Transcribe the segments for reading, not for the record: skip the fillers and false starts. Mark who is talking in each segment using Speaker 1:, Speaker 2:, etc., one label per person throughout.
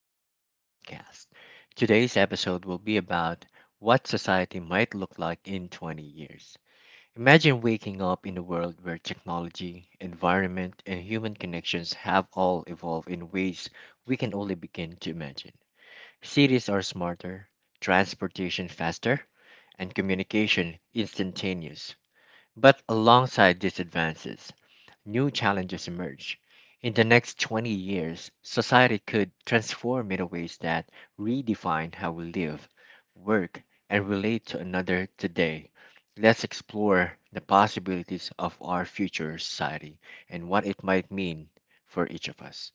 Speaker 1: to Arjun's podcast. Today's episode will be about what society might look like in 20 years. Imagine waking up in a world where technology, environment, and human connections have all evolved in ways we can only begin to imagine. Cities are smarter, transportation faster, and communication instantaneous. But alongside these advances, new challenges emerge. In the next 20 years, society could transform in ways that redefine how we live, work, and relate to another today. Let's explore the possibilities of our future society and what it might mean for each of us.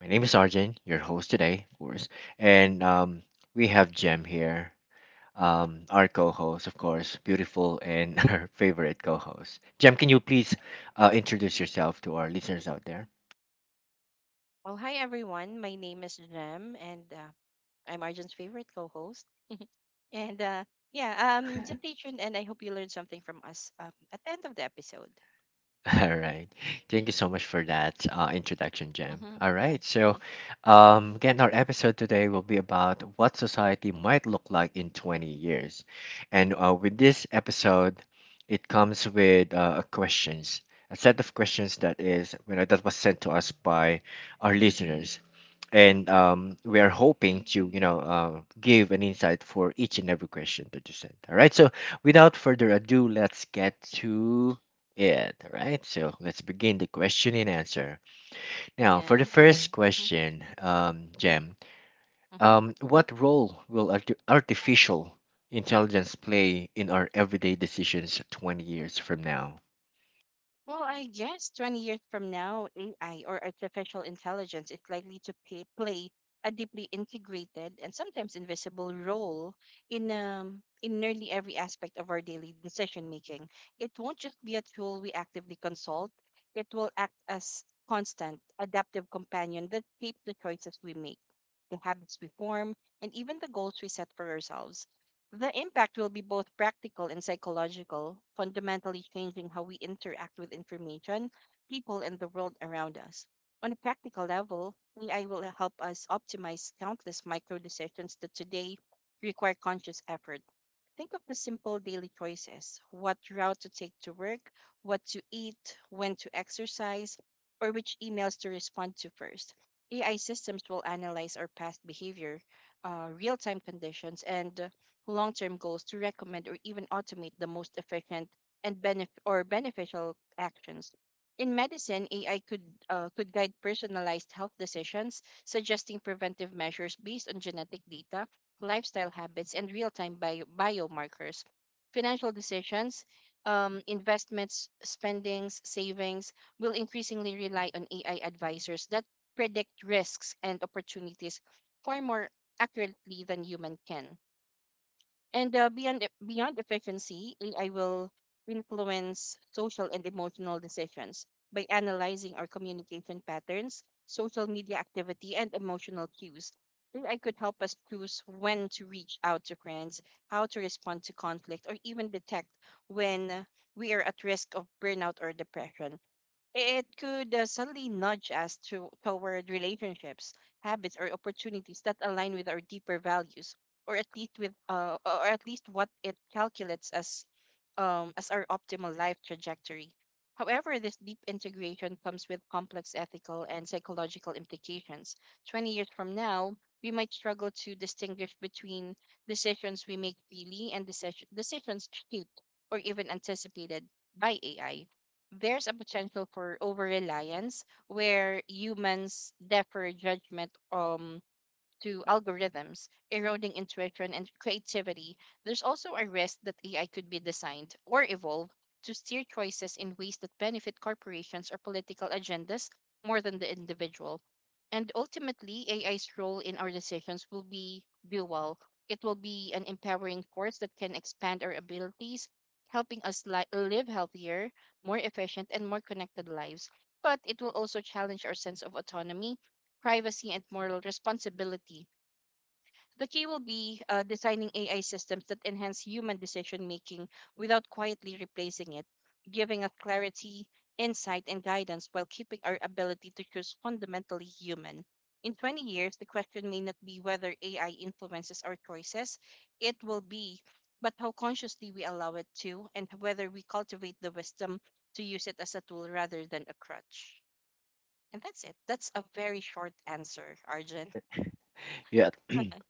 Speaker 1: My name is Arjun, your host today, of course, and we have Jem here our co-host, of course, beautiful and our favorite co-host. Jem, can you please introduce yourself to our listeners out there?
Speaker 2: Well, hi everyone. My name is Jem, and I'm Arjun's favorite co-host. And uh, yeah, just stay tuned, and I hope you learned something from us at the end of the episode.
Speaker 1: All right. Thank you so much for that introduction, Jem.
Speaker 2: Mm-hmm.
Speaker 1: All
Speaker 2: Yeah,
Speaker 1: right. So, again, our episode today will be about what society might look like in 20 years. And With this episode, it comes with questions, a set of questions that is that was sent to us by our listeners. And we are hoping to give an insight for each and every question that you sent. All right, so without further ado, let's get to it. All right, so let's begin the question and answer. Now, for
Speaker 2: yeah.
Speaker 1: the first
Speaker 2: Mm-hmm.
Speaker 1: question,
Speaker 2: Mm-hmm.
Speaker 1: Jem,
Speaker 2: Mm-hmm.
Speaker 1: what role will artificial intelligence play in our everyday decisions 20 years from now?
Speaker 2: Well, I guess 20 years from now, AI or artificial intelligence is likely to play a deeply integrated and sometimes invisible role in in nearly every aspect of our daily decision making. It won't just be a tool we actively consult, it will act as constant, adaptive companion that shapes the choices we make, the habits we form, and even the goals we set for ourselves. The impact will be both practical and psychological, fundamentally changing how we interact with information, people, and the world around us. On a practical level, AI will help us optimize countless micro decisions that today require conscious effort. Think of the simple daily choices what route to take to work, what to eat, when to exercise, or which emails to respond to first. AI systems will analyze our past behavior, real time conditions, and long term goals to recommend or even automate the most efficient or beneficial actions. In medicine, AI could guide personalized health decisions, suggesting preventive measures based on genetic data, lifestyle habits, and real time biomarkers. Financial decisions, investments, spendings, savings will increasingly rely on AI advisors that predict risks and opportunities far more accurately than human can. Beyond efficiency, AI will influence social and emotional decisions by analyzing our communication patterns, social media activity, and emotional cues. AI could help us choose when to reach out to friends, how to respond to conflict, or even detect when we are at risk of burnout or depression. It could suddenly nudge us toward relationships, habits, or opportunities that align with our deeper values, or at least what it calculates as our optimal life trajectory. However, this deep integration comes with complex ethical and psychological implications. 20 years from now, we might struggle to distinguish between decisions we make freely and decisions shaped or even anticipated by AI. There's a potential for over reliance where humans defer judgment to algorithms, eroding intuition and creativity. There's also a risk that AI could be designed or evolve to steer choices in ways that benefit corporations or political agendas more than the individual. And ultimately, AI's role in our decisions will be dual. It will be an empowering force that can expand our abilities, helping us live healthier, more efficient, and more connected lives. But it will also challenge our sense of autonomy privacy and moral responsibility. The key will be designing AI systems that enhance human decision making without quietly replacing it, giving us clarity, insight, and guidance while keeping our ability to choose fundamentally human. In 20 years, the question may not be whether AI influences our choices, it will be, but how consciously we allow it to, and whether we cultivate the wisdom to use it as a tool rather than a crutch. And that's it. That's a very short answer, Arjun.
Speaker 1: Yeah.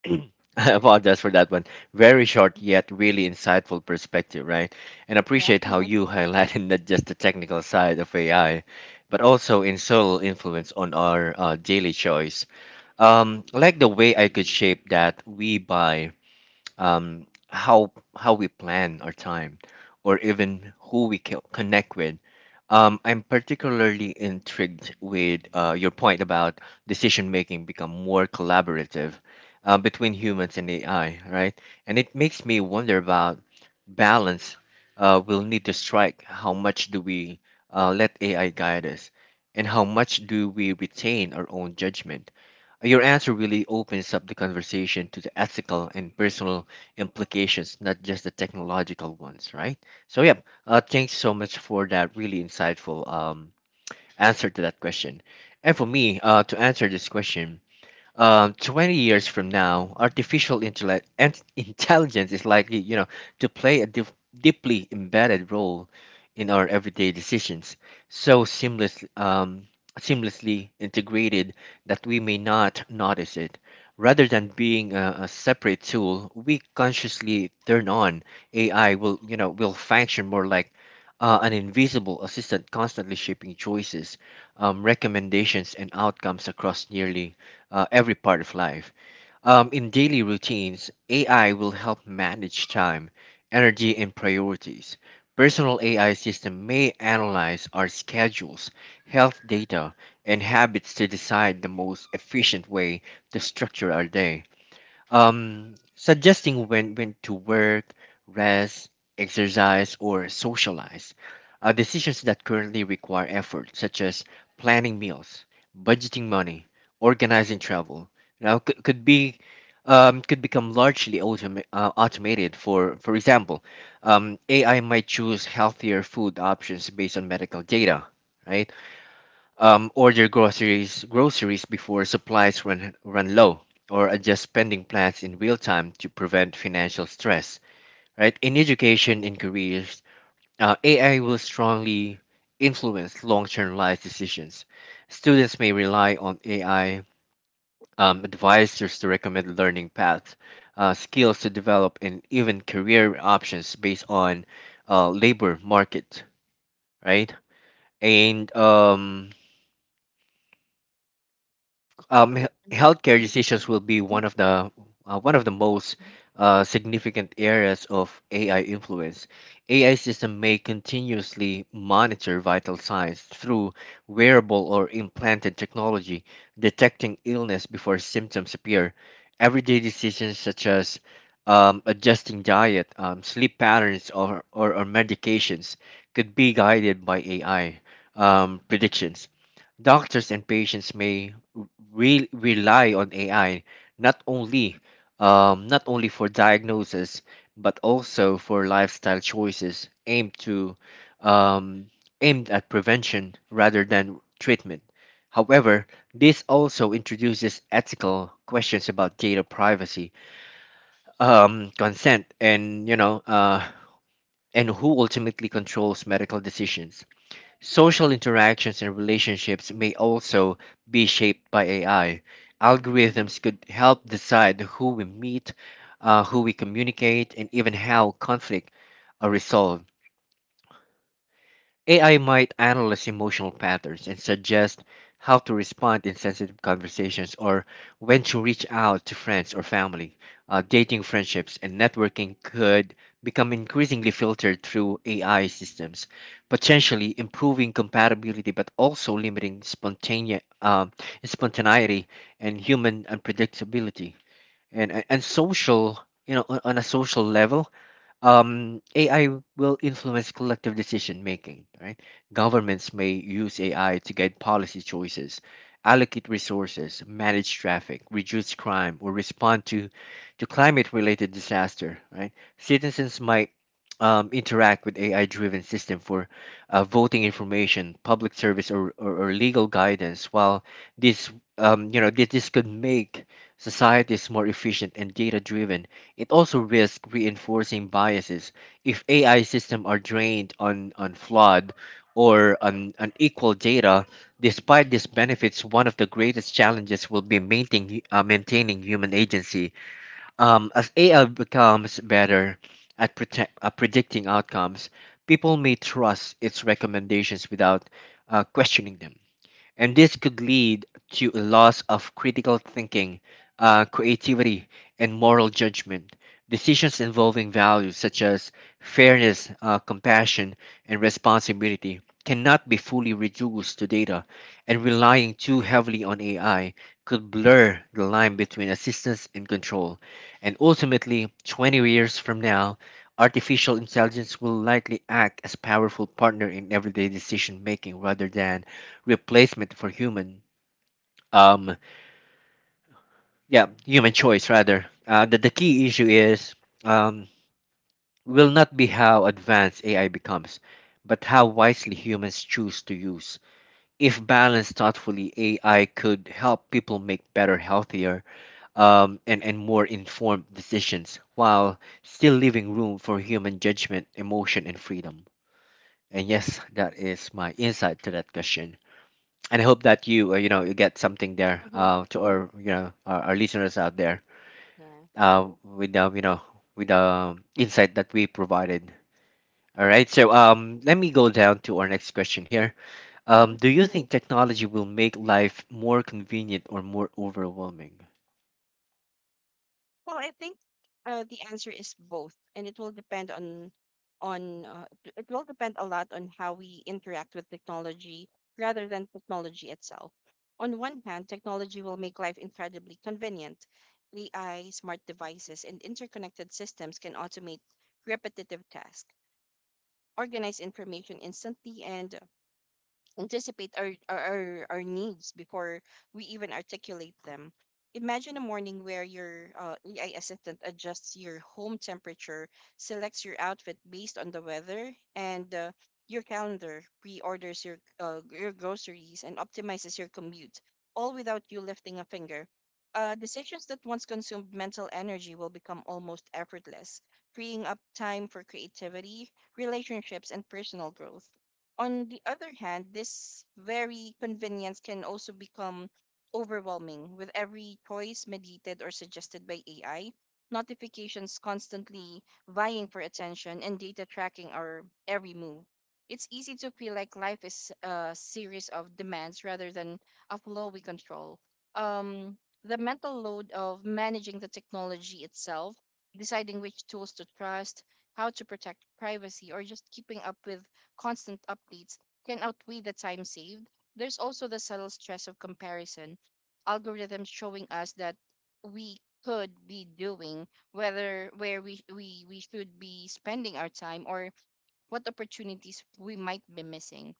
Speaker 1: I apologize for that one. Very short yet really insightful perspective, right? And
Speaker 2: yeah.
Speaker 1: appreciate how you highlighted not just the technical side of AI, but also in subtle influence on our daily choice. Like the way I could shape that we buy, how we plan our time, or even who we connect with. I'm particularly intrigued with your point about decision making become more collaborative, between humans and AI, right? And it makes me wonder about balance we'll need to strike. How much do we let AI guide us, and how much do we retain our own judgment? Your answer really opens up the conversation to the ethical and personal implications, not just the technological ones, right? So, yeah, thanks so much for that really insightful answer to that question. And for me, to answer this question, 20 years from now, artificial intellect and intelligence is likely, to play a deeply embedded role in our everyday decisions, so seamless, seamlessly integrated that we may not notice it. Rather than being a separate tool we consciously turn on, AI will, will function more like an invisible assistant constantly shaping choices, recommendations, and outcomes across nearly every part of life. In daily routines, AI will help manage time, energy, and priorities. Personal AI system may analyze our schedules, health data, and habits to decide the most efficient way to structure our day, suggesting when to work, rest, exercise, or socialize. Decisions that currently require effort, such as planning meals, budgeting money, organizing travel, could be could become largely automated. For example, AI might choose healthier food options based on medical data, right? Order groceries before supplies run low, or adjust spending plans in real time to prevent financial stress, right? In education and careers, AI will strongly influence long-term life decisions. Students may rely on AI advisors to recommend learning paths, skills to develop, and even career options based on labor market, right? And
Speaker 2: Mhm.
Speaker 1: healthcare decisions will be one of the
Speaker 2: Mhm,
Speaker 1: most significant areas of AI influence. AI system may continuously monitor vital signs through wearable or implanted technology, detecting illness before symptoms appear. Everyday decisions such as adjusting diet, sleep patterns, or medications could be guided by AI predictions. Doctors and patients may rely on AI not only not only for diagnosis but also for lifestyle choices um, aimed at prevention rather than treatment. However, this also introduces ethical questions about data privacy, consent, and and who ultimately controls medical decisions. Social interactions and relationships may also be shaped by AI. Algorithms could help decide who we meet, who we communicate, and even how conflict are resolved. AI might analyze emotional patterns and suggest how to respond in sensitive conversations or when to reach out to friends or family. Dating friendships and networking could become increasingly filtered through AI systems, potentially improving compatibility but also limiting spontaneity and human unpredictability. And social, on a social level, AI will influence collective decision making. Right, governments may use AI to guide policy choices, allocate resources, manage traffic, reduce crime, or respond to climate-related disaster. Right, citizens might interact with AI-driven system for voting information, public service, or legal guidance. While this, this this could make societies more efficient and data-driven, it also risks reinforcing biases if AI systems are trained on flawed or on unequal data. Despite these benefits, one of the greatest challenges will be maintaining human agency. As AI becomes better at predicting outcomes, people may trust its recommendations without questioning them, and this could lead to a loss of critical thinking, creativity, and moral judgment. Decisions involving values such as fairness, compassion, and responsibility cannot be fully reduced to data, and relying too heavily on AI could blur the line between assistance and control. And ultimately, 20 years from now, artificial intelligence will likely act as powerful partner in everyday decision making rather than replacement for human um yeah human choice rather. The key issue is um will not be how advanced AI becomes, but how wisely humans choose to use. If balanced thoughtfully, AI could help people make better, healthier, and more informed decisions while still leaving room for human judgment, emotion, and freedom. And yes, that is my insight to that question, and I hope that you you know you get something there,
Speaker 2: mhm,
Speaker 1: to our our listeners out there,
Speaker 2: Yeah.
Speaker 1: with the with the insight that we provided. All right, so let me go down to our next question here.
Speaker 2: hmm
Speaker 1: Do you think technology will make life more convenient or more overwhelming?
Speaker 2: Well, I think the answer is both, and it will depend on t- it will depend a lot on how we interact with technology rather than technology itself. On one hand, technology will make life incredibly convenient. AI, smart devices, and interconnected systems can automate repetitive tasks, organize information instantly, and anticipate our needs before we even articulate them. Imagine a morning where your AI assistant adjusts your home temperature, selects your outfit based on the weather, and your calendar, pre-orders your groceries, and optimizes your commute, all without you lifting a finger. Decisions that once consumed mental energy will become almost effortless, freeing up time for creativity, relationships, and personal growth. On the other hand, this very convenience can also become overwhelming with every choice mediated or suggested by AI, notifications constantly vying for attention, and data tracking our every move. It's easy to feel like life is a series of demands rather than a flow we control. Um, the mental load of managing the technology itself, deciding which tools to trust, how to protect privacy, or just keeping up with constant updates can outweigh the time saved. There's also the subtle stress of comparison, algorithms showing us that we could be doing whether where we should be spending our time or what opportunities we might be missing.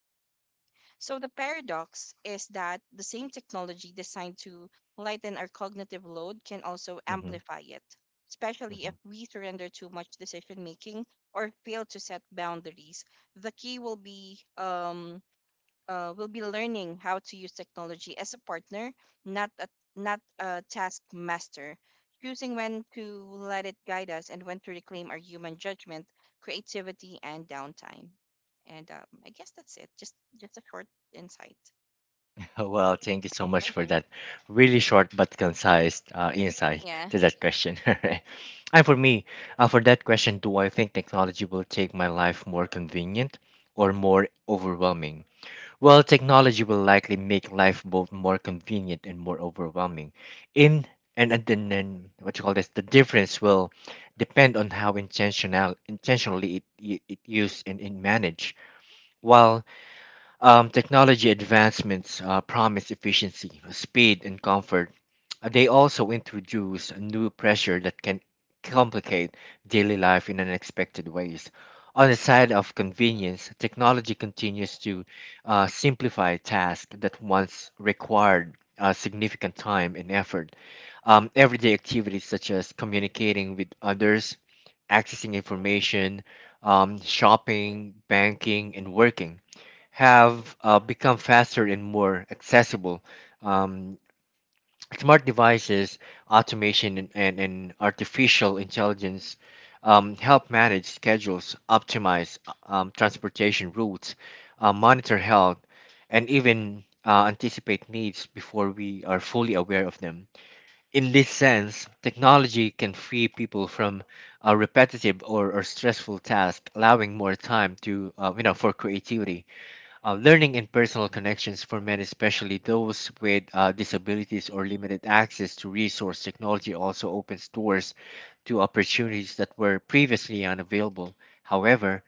Speaker 2: So the paradox is that the same technology designed to lighten our cognitive load can also
Speaker 1: Hmm.
Speaker 2: amplify it, especially
Speaker 1: Hmm.
Speaker 2: if we surrender too much decision making or fail to set boundaries. The key will be learning how to use technology as a partner, not a, not a taskmaster. Choosing when to let it guide us and when to reclaim our human judgment, creativity, and downtime. And I guess that's it. Just a short insight.
Speaker 1: Well, thank you so much for
Speaker 2: Okay.
Speaker 1: that really short but concise insight
Speaker 2: Yeah.
Speaker 1: to that question. And for me, for that question, do I think technology will take my life more convenient or more overwhelming? Well, technology will likely make life both more convenient and more overwhelming. In and then what you call this, the difference will depend on how intentionally it used and managed. While technology advancements promise efficiency, speed, and comfort, they also introduce new pressure that can complicate daily life in unexpected ways. On the side of convenience, technology continues to simplify tasks that once required significant time and effort. Everyday activities such as communicating with others, accessing information, shopping, banking, and working have become faster and more accessible. Um, Smart devices, automation, and artificial intelligence help manage schedules, optimize transportation routes, monitor health, and even anticipate needs before we are fully aware of them. In this sense, technology can free people from a repetitive or stressful tasks, allowing more time to, for creativity, learning, and personal connections. For men, especially those with disabilities or limited access to resource technology, also opens doors to opportunities that were previously unavailable. However,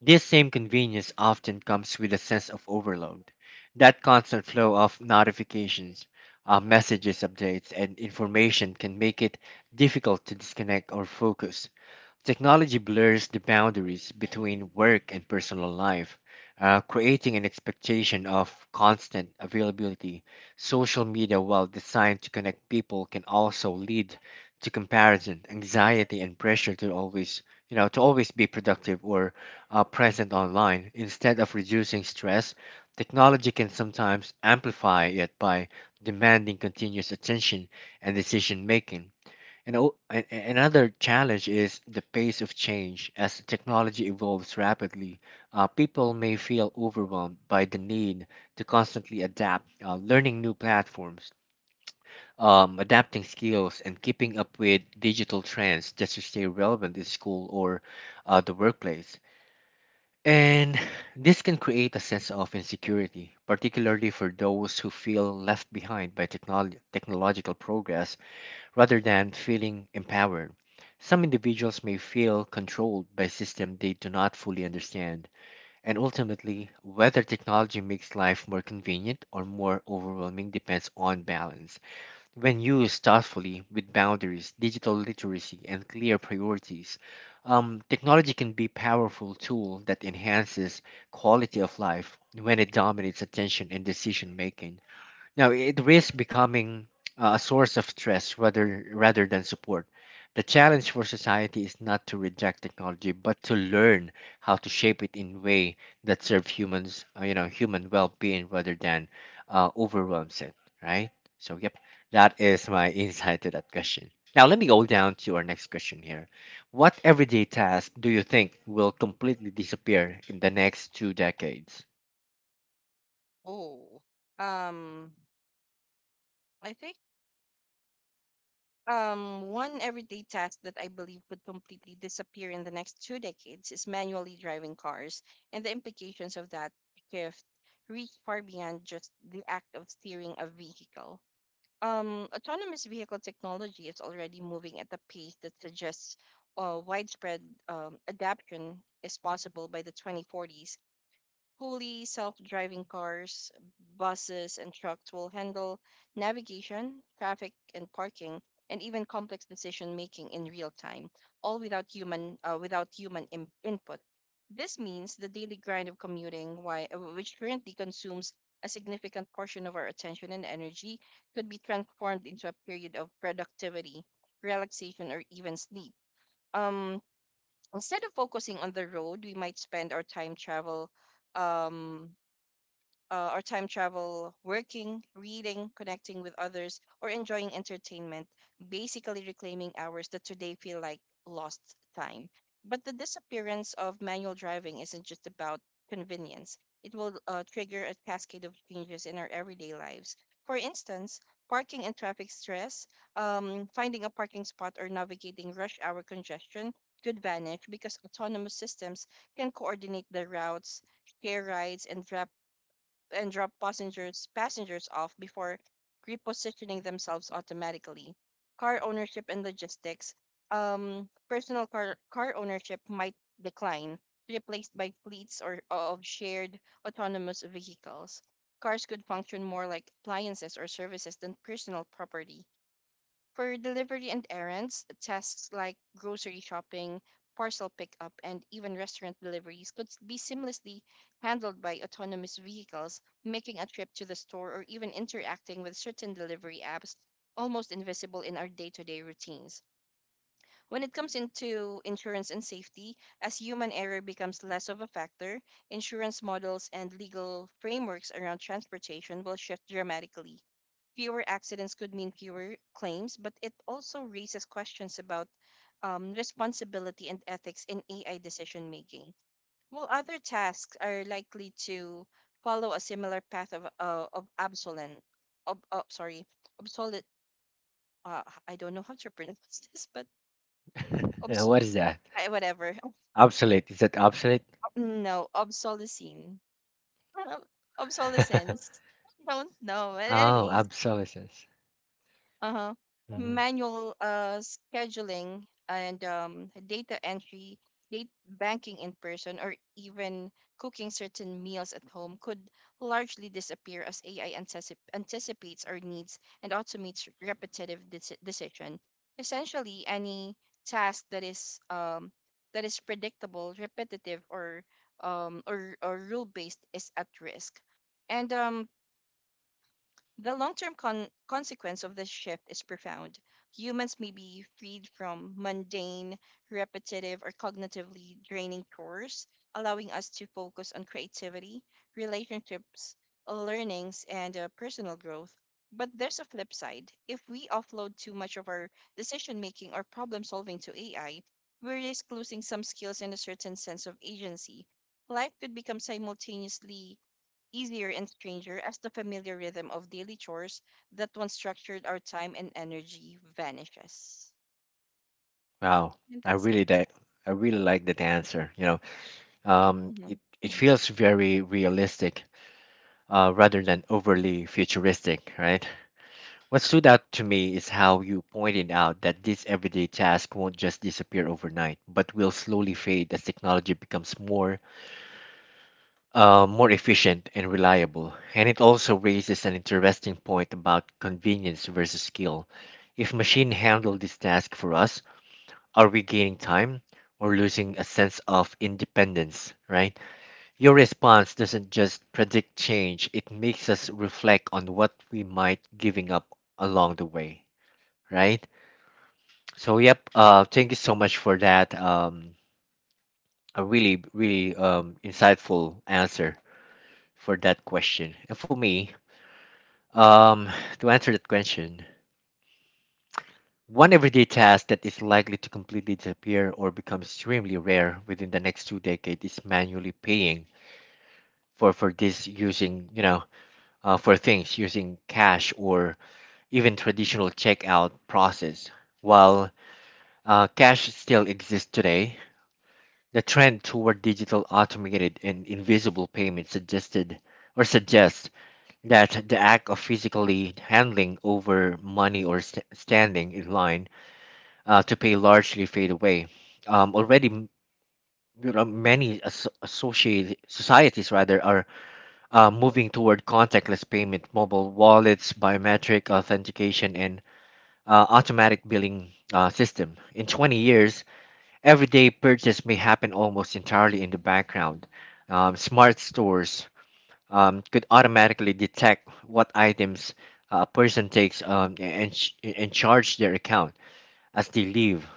Speaker 1: this same convenience often comes with a sense of overload. That constant flow of notifications, messages, updates, and information can make it difficult to disconnect or focus. Technology blurs the boundaries between work and personal life, creating an expectation of constant availability. Social media, while designed to connect people, can also lead to comparison, anxiety, and pressure to always, to always be productive or present online. Instead of reducing stress, technology can sometimes amplify it by demanding continuous attention and decision making. And o- a- Another challenge is the pace of change. As technology evolves rapidly, people may feel overwhelmed by the need to constantly adapt, learning new platforms, adapting skills, and keeping up with digital trends just to stay relevant in school or the workplace. And this can create a sense of insecurity, particularly for those who feel left behind by technological progress rather than feeling empowered. Some individuals may feel controlled by systems they do not fully understand, and ultimately, whether technology makes life more convenient or more overwhelming depends on balance. When used thoughtfully with boundaries, digital literacy, and clear priorities, technology can be a powerful tool that enhances quality of life when it dominates attention and decision making. Now, it risks becoming a source of stress rather than support. The challenge for society is not to reject technology, but to learn how to shape it in way that serve humans, human well-being rather than overwhelms it. Right. So, yep, that is my insight to that question. Now, let me go down to our next question here. What everyday task do you think will completely disappear in the next two decades?
Speaker 2: Oh. Um. I think. One everyday task that I believe could completely disappear in the next two decades is manually driving cars, and the implications of that shift reach far beyond just the act of steering a vehicle. Autonomous vehicle technology is already moving at a pace that suggests widespread adoption is possible by the 2040s. Fully self driving cars, buses, and trucks will handle navigation, traffic, and parking, and even complex decision making in real time, all without human, without human im- input. This means the daily grind of commuting, which currently consumes a significant portion of our attention and energy, could be transformed into a period of productivity, relaxation, or even sleep. Um, Instead of focusing on the road, we might spend um, our time travel working, reading, connecting with others, or enjoying entertainment, basically reclaiming hours that today feel like lost time. But the disappearance of manual driving isn't just about convenience, it will trigger a cascade of changes in our everyday lives. For instance, parking and traffic stress, finding a parking spot, or navigating rush hour congestion could vanish because autonomous systems can coordinate the routes share rides and drop passengers off before repositioning themselves automatically. Car ownership and logistics. Personal car ownership might decline, replaced by fleets or of shared autonomous vehicles. Cars could function more like appliances or services than personal property, for delivery and errands, tasks like grocery shopping, parcel pickup, and even restaurant deliveries could be seamlessly handled by autonomous vehicles, making a trip to the store or even interacting with certain delivery apps almost invisible in our day to day routines. When it comes into insurance and safety, as human error becomes less of a factor, insurance models and legal frameworks around transportation will shift dramatically. Fewer accidents could mean fewer claims, but it also raises questions about responsibility and ethics in AI decision making. While other tasks are likely to follow a similar path of obsolescence, sorry, obsolete, I don't know how to pronounce this, but obs-
Speaker 1: What is that?
Speaker 2: whatever.
Speaker 1: Obsolete? Is that obsolete?
Speaker 2: No, obsolescence. Obsolescence. I don't know. But
Speaker 1: Oh,
Speaker 2: anyways,
Speaker 1: obsolescence.
Speaker 2: uh-huh,
Speaker 1: Mhm.
Speaker 2: manual scheduling and data entry, date banking in person, or even cooking certain meals at home could largely disappear as AI anticipates our needs and automates repetitive decision. Essentially, any task that is predictable, repetitive, or or rule based is at risk. And The long term consequence of this shift is profound. Humans may be freed from mundane, repetitive, or cognitively draining chores, allowing us to focus on creativity, relationships, learnings, and personal growth. But there's a flip side. If we offload too much of our decision making or problem solving to AI, we risk losing some skills and a certain sense of agency. Life could become simultaneously easier and stranger as the familiar rhythm of daily chores that once structured our time and energy vanishes.
Speaker 1: Wow,
Speaker 2: And
Speaker 1: I
Speaker 2: that's
Speaker 1: really
Speaker 2: it.
Speaker 1: like I really like that answer. You know,
Speaker 2: Mm-hmm.
Speaker 1: it it feels very realistic, rather than overly futuristic, right? What stood out to me is how you pointed out that this everyday task won't just disappear overnight, but will slowly fade as technology becomes more, more efficient and reliable. And it also raises an interesting point about convenience versus skill. If machine handle this task for us, are we gaining time or losing a sense of independence, right? Your response doesn't just predict change, it makes us reflect on what we might giving up along the way, right? So yep, thank you so much for that a really really insightful answer for that question. And for me, um to answer that question, one everyday task that is likely to completely disappear or become extremely rare within the next two decades is manually paying for this using you know for things using cash or even traditional checkout process. While cash still exists today, the trend toward digital automated and invisible payments suggested or suggests that the act of physically handling over money or standing in line to pay largely fade away. Already, many associated societies rather are moving toward contactless payment, mobile wallets, biometric authentication, and automatic billing system. In 20 years, everyday purchase may happen almost entirely in the background. Smart stores could automatically detect what items a person takes and, and charge their account as they leave.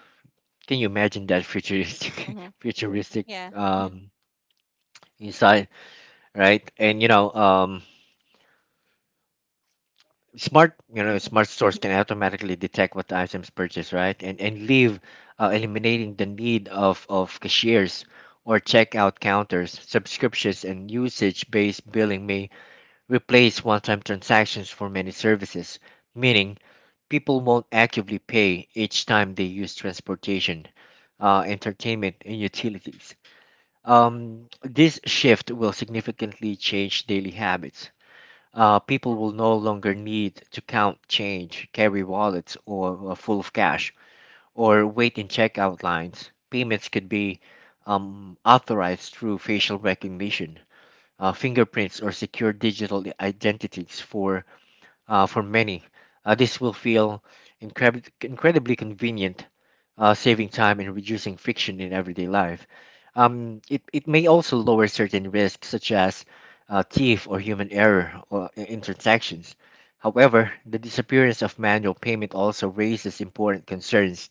Speaker 1: Can you imagine that futuristic,
Speaker 2: Mm-hmm.
Speaker 1: futuristic
Speaker 2: Yeah.
Speaker 1: inside, right? And you know,
Speaker 2: Mm-hmm.
Speaker 1: smart stores can automatically detect what items purchased, right? And leave, eliminating the need of cashiers or checkout counters. Subscriptions and usage based billing may replace one time transactions for many services, meaning people won't actively pay each time they use transportation, entertainment and utilities. This shift will significantly change daily habits. People will no longer need to count change, carry wallets or full of cash, or wait in checkout lines. Payments could be authorized through facial recognition, fingerprints, or secure digital identities. For for many, this will feel incredibly convenient, saving time and reducing friction in everyday life. It may also lower certain risks, such as thief or human error or in transactions. However, the disappearance of manual payment also raises important concerns.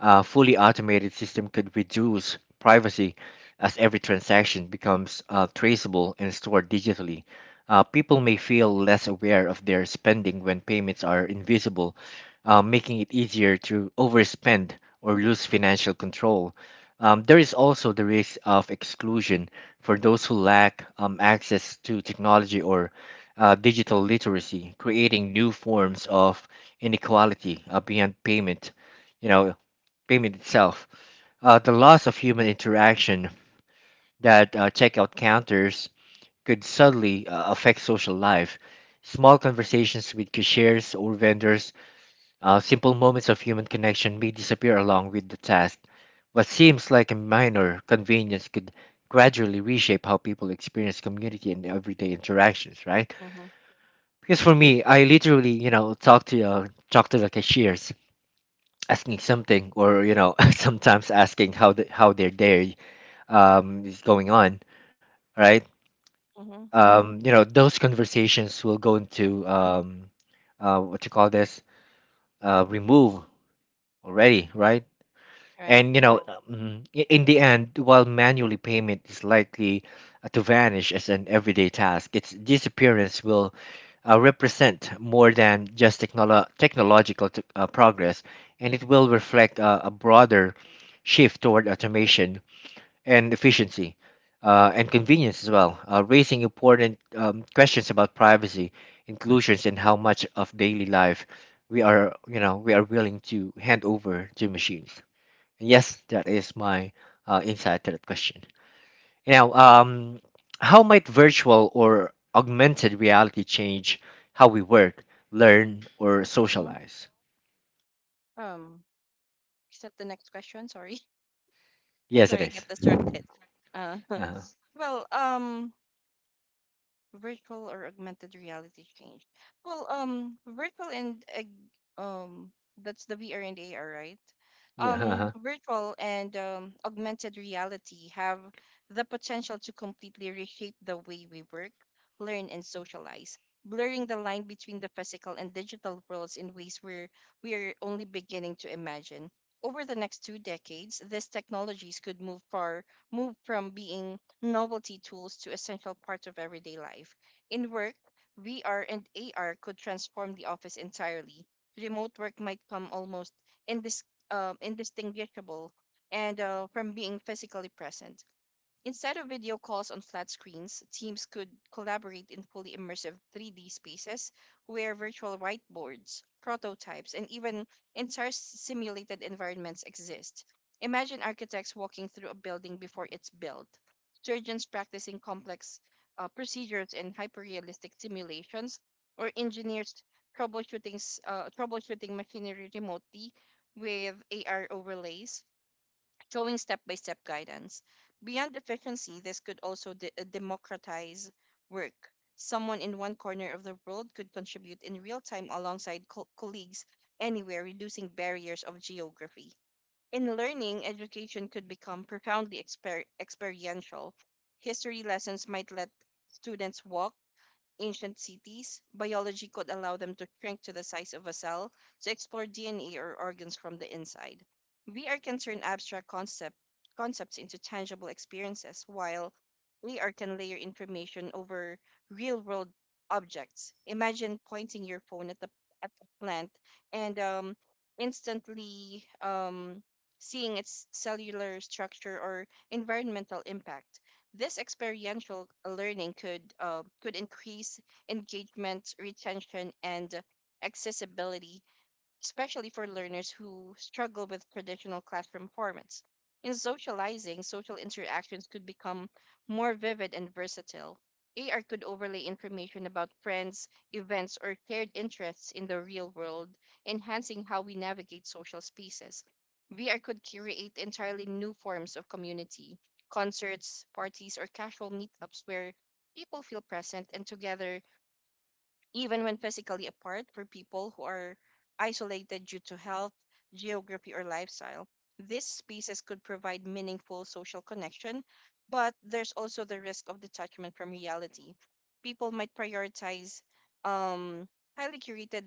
Speaker 1: A fully automated system could reduce privacy as every transaction becomes traceable and stored digitally. People may feel less aware of their spending when payments are invisible, making it easier to overspend or lose financial control. There is also the risk of exclusion for those who lack access to technology or digital literacy, creating new forms of inequality beyond payment. You know, payment itself. The loss of human interaction that checkout counters could suddenly affect social life. Small conversations with cashiers or vendors, simple moments of human connection may disappear along with the task. What seems like a minor convenience could gradually reshape how people experience community and everyday interactions, right?
Speaker 2: Mm-hmm.
Speaker 1: Because for me, I literally, you know, talk to the cashiers, asking something, or you know, sometimes asking how the, how their day is going on, right?
Speaker 2: Mm-hmm.
Speaker 1: You know, those conversations will go
Speaker 2: hmm
Speaker 1: into what you call this, remove already, right? And you
Speaker 2: Right.
Speaker 1: know, in the end, while manually payment is likely to vanish as an everyday task, its disappearance will represent more than just technological progress, and it will reflect a broader shift toward automation and efficiency and convenience as well, raising important questions about privacy, inclusions, and how much of daily life we are willing to hand over to machines. And yes, that is my insight to that question. You know, how might virtual or augmented reality change how we work, learn, or
Speaker 2: Mm-hmm.
Speaker 1: socialize?
Speaker 2: Um, is that the next question? Sorry.
Speaker 1: Yes, it
Speaker 2: Sorry, I
Speaker 1: is.
Speaker 2: get distracted. Uh,
Speaker 1: Uh-huh.
Speaker 2: well, virtual or augmented reality change? Well, virtual and ag- um, that's the VR and AR, right?
Speaker 1: Yeah. uh-huh.
Speaker 2: Virtual and augmented reality have the potential to completely reshape the way we work, learn, and socialize, blurring the line between the physical and digital worlds in ways where we are only beginning to imagine. Over the next two decades, these technologies could move from being novelty tools to essential parts of everyday life. In work, VR and AR could transform the office entirely. Remote work might come almost indis- indistinguishable and from being physically present. Instead of video calls on flat screens, teams could collaborate in fully immersive 3D spaces where virtual whiteboards, prototypes, and even entire simulated environments exist. Imagine architects walking through a building before it's built, surgeons practicing complex procedures in hyperrealistic simulations, or engineers troubleshooting machinery remotely with AR overlays showing step by step guidance. Beyond efficiency, this could also democratize work. Someone in one corner of the world could contribute in real time alongside colleagues anywhere, reducing barriers of geography. In learning, education could become profoundly experiential. History lessons might let students walk ancient cities, biology could allow them to shrink to the size of a cell to explore DNA or organs from the inside. VR can turn abstract concepts into tangible experiences, while AR can layer information over real world objects. Imagine pointing your phone at the plant and instantly seeing its cellular structure or environmental impact. This experiential learning could increase engagement, retention, and accessibility especially for learners who struggle with traditional classroom formats. In socializing, social interactions could become more vivid and versatile. AR could overlay information about friends, events, or shared interests in the real world, enhancing how we navigate social spaces. VR could create entirely new forms of community, concerts, parties, or casual meetups where people feel present and together even when physically apart for people who are isolated due to health, geography, or lifestyle. These spaces could provide meaningful social connection, but there's also the risk of detachment from reality. People might prioritize um, highly curated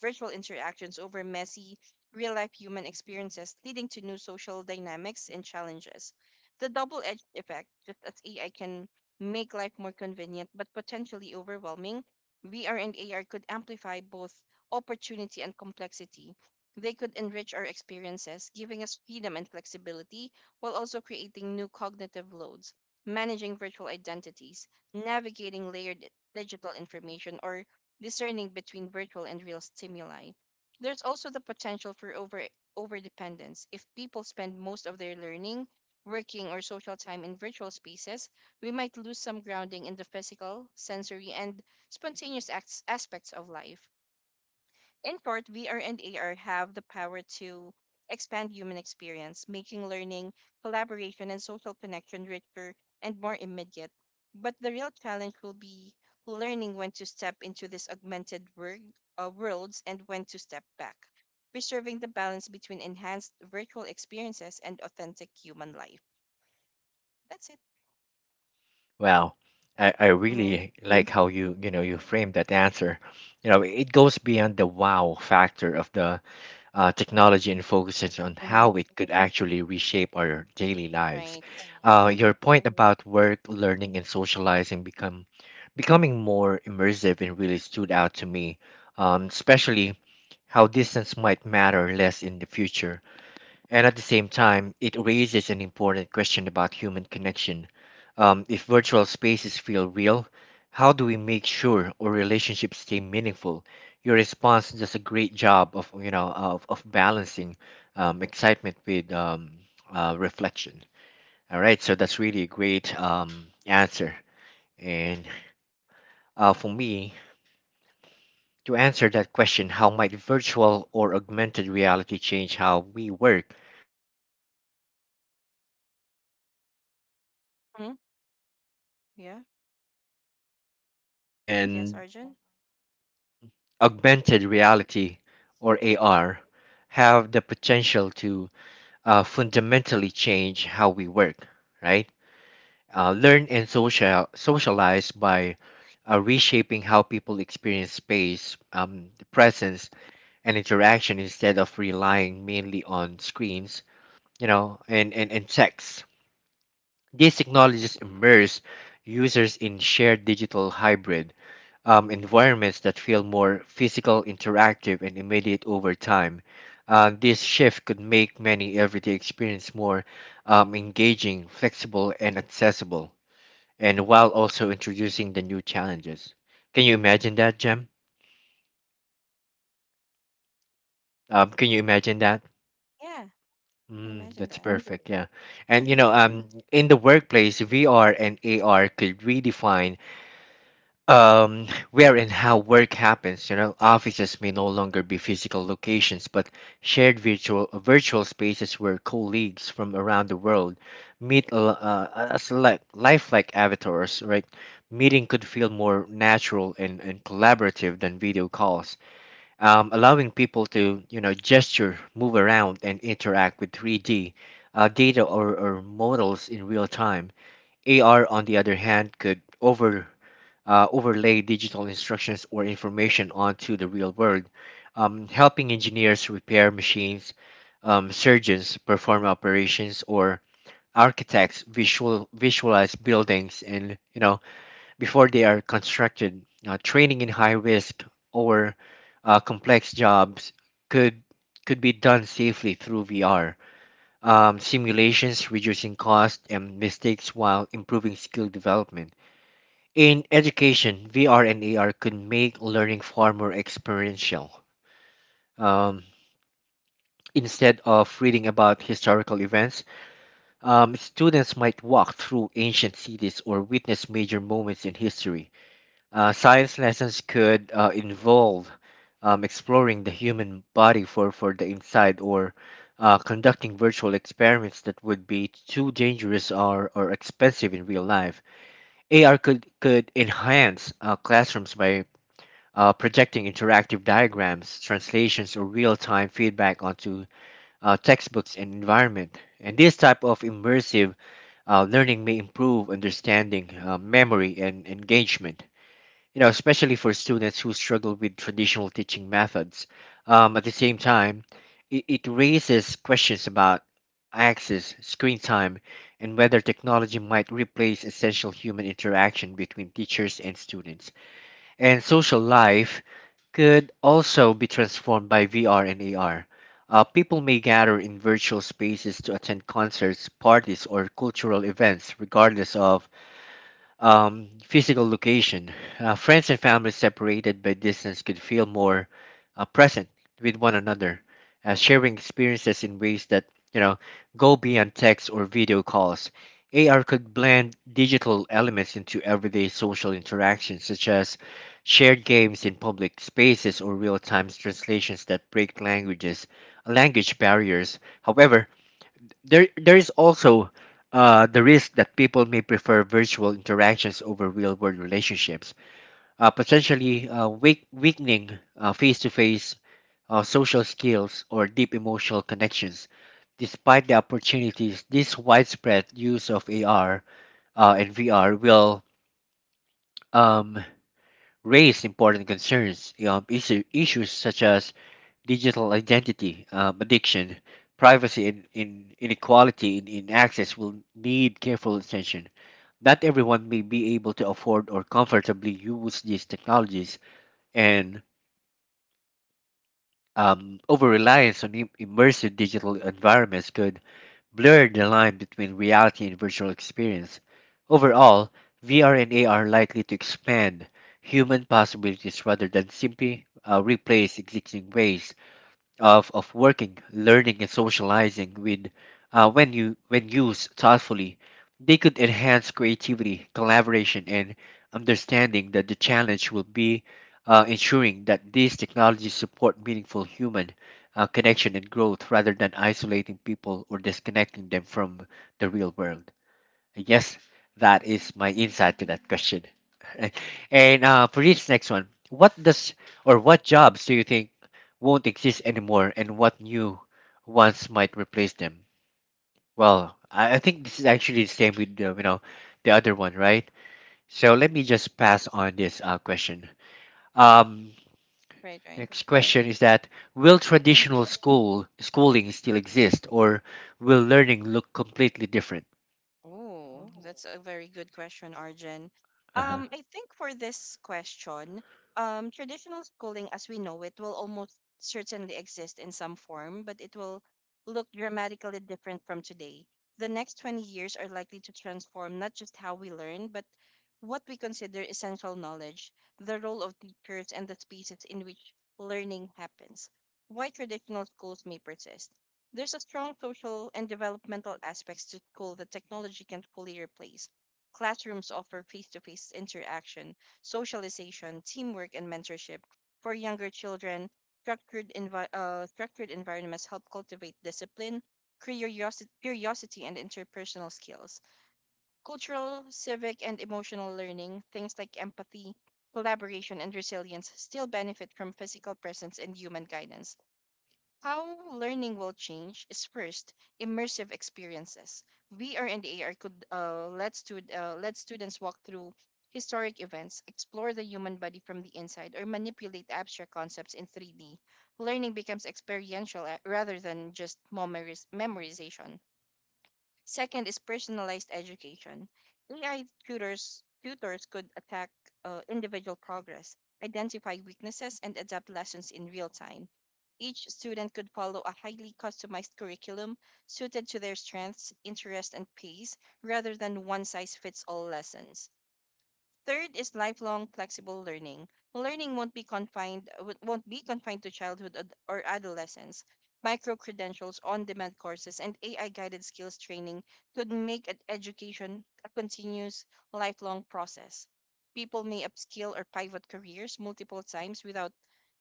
Speaker 2: virtual interactions over messy, real life human experiences, leading to new social dynamics and challenges. The double edged effect, just as AI can make life more convenient but potentially overwhelming, VR and AR could amplify both opportunity and complexity. They could enrich our experiences, giving us freedom and flexibility, while also creating new cognitive loads, managing virtual identities, navigating layered digital information, or discerning between virtual and real stimuli. There's also the potential for overdependence. If people spend most of their learning, working, or social time in virtual spaces, we might lose some grounding in the physical, sensory, and spontaneous aspects of life. In short, VR and AR have the power to expand human experience, making learning, collaboration, and social connection richer and more immediate. But the real challenge will be learning when to step into this augmented worlds and when to step back, preserving the balance between enhanced virtual experiences and authentic human life. That's it.
Speaker 1: Well, I
Speaker 2: Mm-hmm.
Speaker 1: really like how you you know you framed that answer. You know, it goes beyond the wow factor of the technology and focuses on how
Speaker 2: Mm-hmm.
Speaker 1: it could actually reshape our daily lives.
Speaker 2: Right.
Speaker 1: Your
Speaker 2: Mm-hmm.
Speaker 1: point about work, learning, and socializing become becoming more immersive and really stood out to me, especially how distance might matter less in the future and at the same time, it raises an important question about human connection. If virtual spaces feel real, how do we make sure our relationships stay meaningful? Your response does a great job of you know of balancing excitement with reflection. All right, so that's really a great answer. And for me, to answer that question, how might virtual or augmented reality change how we work, learn, or socialize? Um, virtual
Speaker 2: Hmm.
Speaker 1: reality
Speaker 2: Yeah.
Speaker 1: or VR
Speaker 2: Yes,
Speaker 1: and
Speaker 2: Arjun.
Speaker 1: augmented reality or AR have the potential to fundamentally change how we work, right? Learn and socialize by reshaping how people experience space, presence, and interaction instead of relying mainly on screens, you know, and text. These technologies immerse users in shared digital hybrid environments that feel more physical, interactive, and immediate over time. This shift could make many everyday experience more engaging, flexible, and accessible, and while also introducing the new challenges. Can you imagine that, Jem? Can you imagine that?
Speaker 2: Yeah. Can
Speaker 1: Mm,
Speaker 2: imagine
Speaker 1: that's
Speaker 2: that.
Speaker 1: perfect. Yeah, and you
Speaker 2: Mhm.
Speaker 1: know, in the workplace, VR and AR could redefine where and how work happens. You know, offices may no longer be physical locations, but shared virtual spaces where colleagues from around the world meet as like lifelike avatars. Right, meeting could feel more natural and collaborative than video calls, allowing people to you know gesture, move around, and interact with 3D. Data or models in real time. AR, on the other hand, could overlay digital instructions or information onto the real world, helping engineers repair machines, surgeons perform operations, or architects visualize buildings and you know before they are constructed. Training in high risk or complex jobs could could be done safely through VR simulations, reducing cost and mistakes while improving skill development. In education, VR and AR could make learning far more experiential. Um, instead of reading about historical events, students might walk through ancient cities or witness major moments in history. Science lessons could involve exploring the human body for the inside or conducting virtual experiments that would be too dangerous or expensive in real life. Could enhance classrooms by projecting interactive diagrams, translations, or real-time feedback onto textbooks and environment. And this type of immersive learning may improve understanding, memory, and engagement. You know, especially for students who struggle with traditional teaching methods. At the same time, it raises questions about access, screen time, and whether technology might replace essential human interaction between teachers and students, and social life could also be transformed by VR and AR. People may gather in virtual spaces to attend concerts, parties, or cultural events, regardless of physical location. Friends and family separated by distance could feel more present with one another, sharing experiences in ways that you know go beyond text or video calls. AR could blend digital elements into everyday social interactions, such as shared games in public spaces or real-time translations that break languages, language barriers. However, there is also the risk that people may prefer virtual interactions over real world relationships, potentially weakening face to face social skills or deep emotional connections. Despite the opportunities, this widespread use of AR and VR will um, raise important concerns, issues such as digital identity, addiction, privacy, and inequality in access will need careful attention. Not everyone may be able to afford or comfortably use these technologies, and over reliance on immersive digital environments could blur the line between reality and virtual experience. Overall, VR and AR are likely to expand human possibilities rather than simply replace existing ways of working, learning, and socializing with when used thoughtfully, they could enhance creativity, collaboration, and understanding that the challenge will be ensuring that these technologies support meaningful human connection and growth rather than isolating people or disconnecting them from the real world. I guess that is my insight to that question. And for this next one, what does or what jobs do you think won't exist anymore, and what new ones might replace them? Well, I think this is actually the same with the the other one, right? So let me just pass on this question. Um,
Speaker 2: Right, right.
Speaker 1: Next question is that will
Speaker 2: Hmm.
Speaker 1: traditional schooling still exist, or will learning look completely different?
Speaker 2: Oh, that's a very good question, Arjun.
Speaker 1: Uh-huh.
Speaker 2: I think for this question, traditional schooling as we know it will almost certainly exist in some form, but it will look dramatically different from today. The next 20 years are likely to transform not just how we learn, but what we consider essential knowledge, the role of teachers, and the spaces in which learning happens. Why traditional schools may persist. There's a strong social and developmental aspects to school that technology can't fully replace. Classrooms offer face-to-face interaction, socialization, teamwork, and mentorship. For younger children, structured environments help cultivate discipline, curiosity, and interpersonal skills. Cultural, civic, and emotional learning, things like empathy, collaboration, and resilience, still benefit from physical presence and human guidance. How learning will change is, first, immersive experiences. VR and AR could let students walk through historic events, explore the human body from the inside, or manipulate abstract concepts in 3D. Learning becomes experiential rather than just memorization. Second is personalized education. AI tutors could attack individual progress, identify weaknesses, and adapt lessons in real time. Each student could follow a highly customized curriculum suited to their strengths, interests, and pace rather than one size fits all lessons. Third is lifelong flexible learning. Learning won't be confined to childhood or adolescence. Micro credentials, on demand courses, and AI guided skills training could make education a continuous lifelong process. People may upskill or pivot careers multiple times without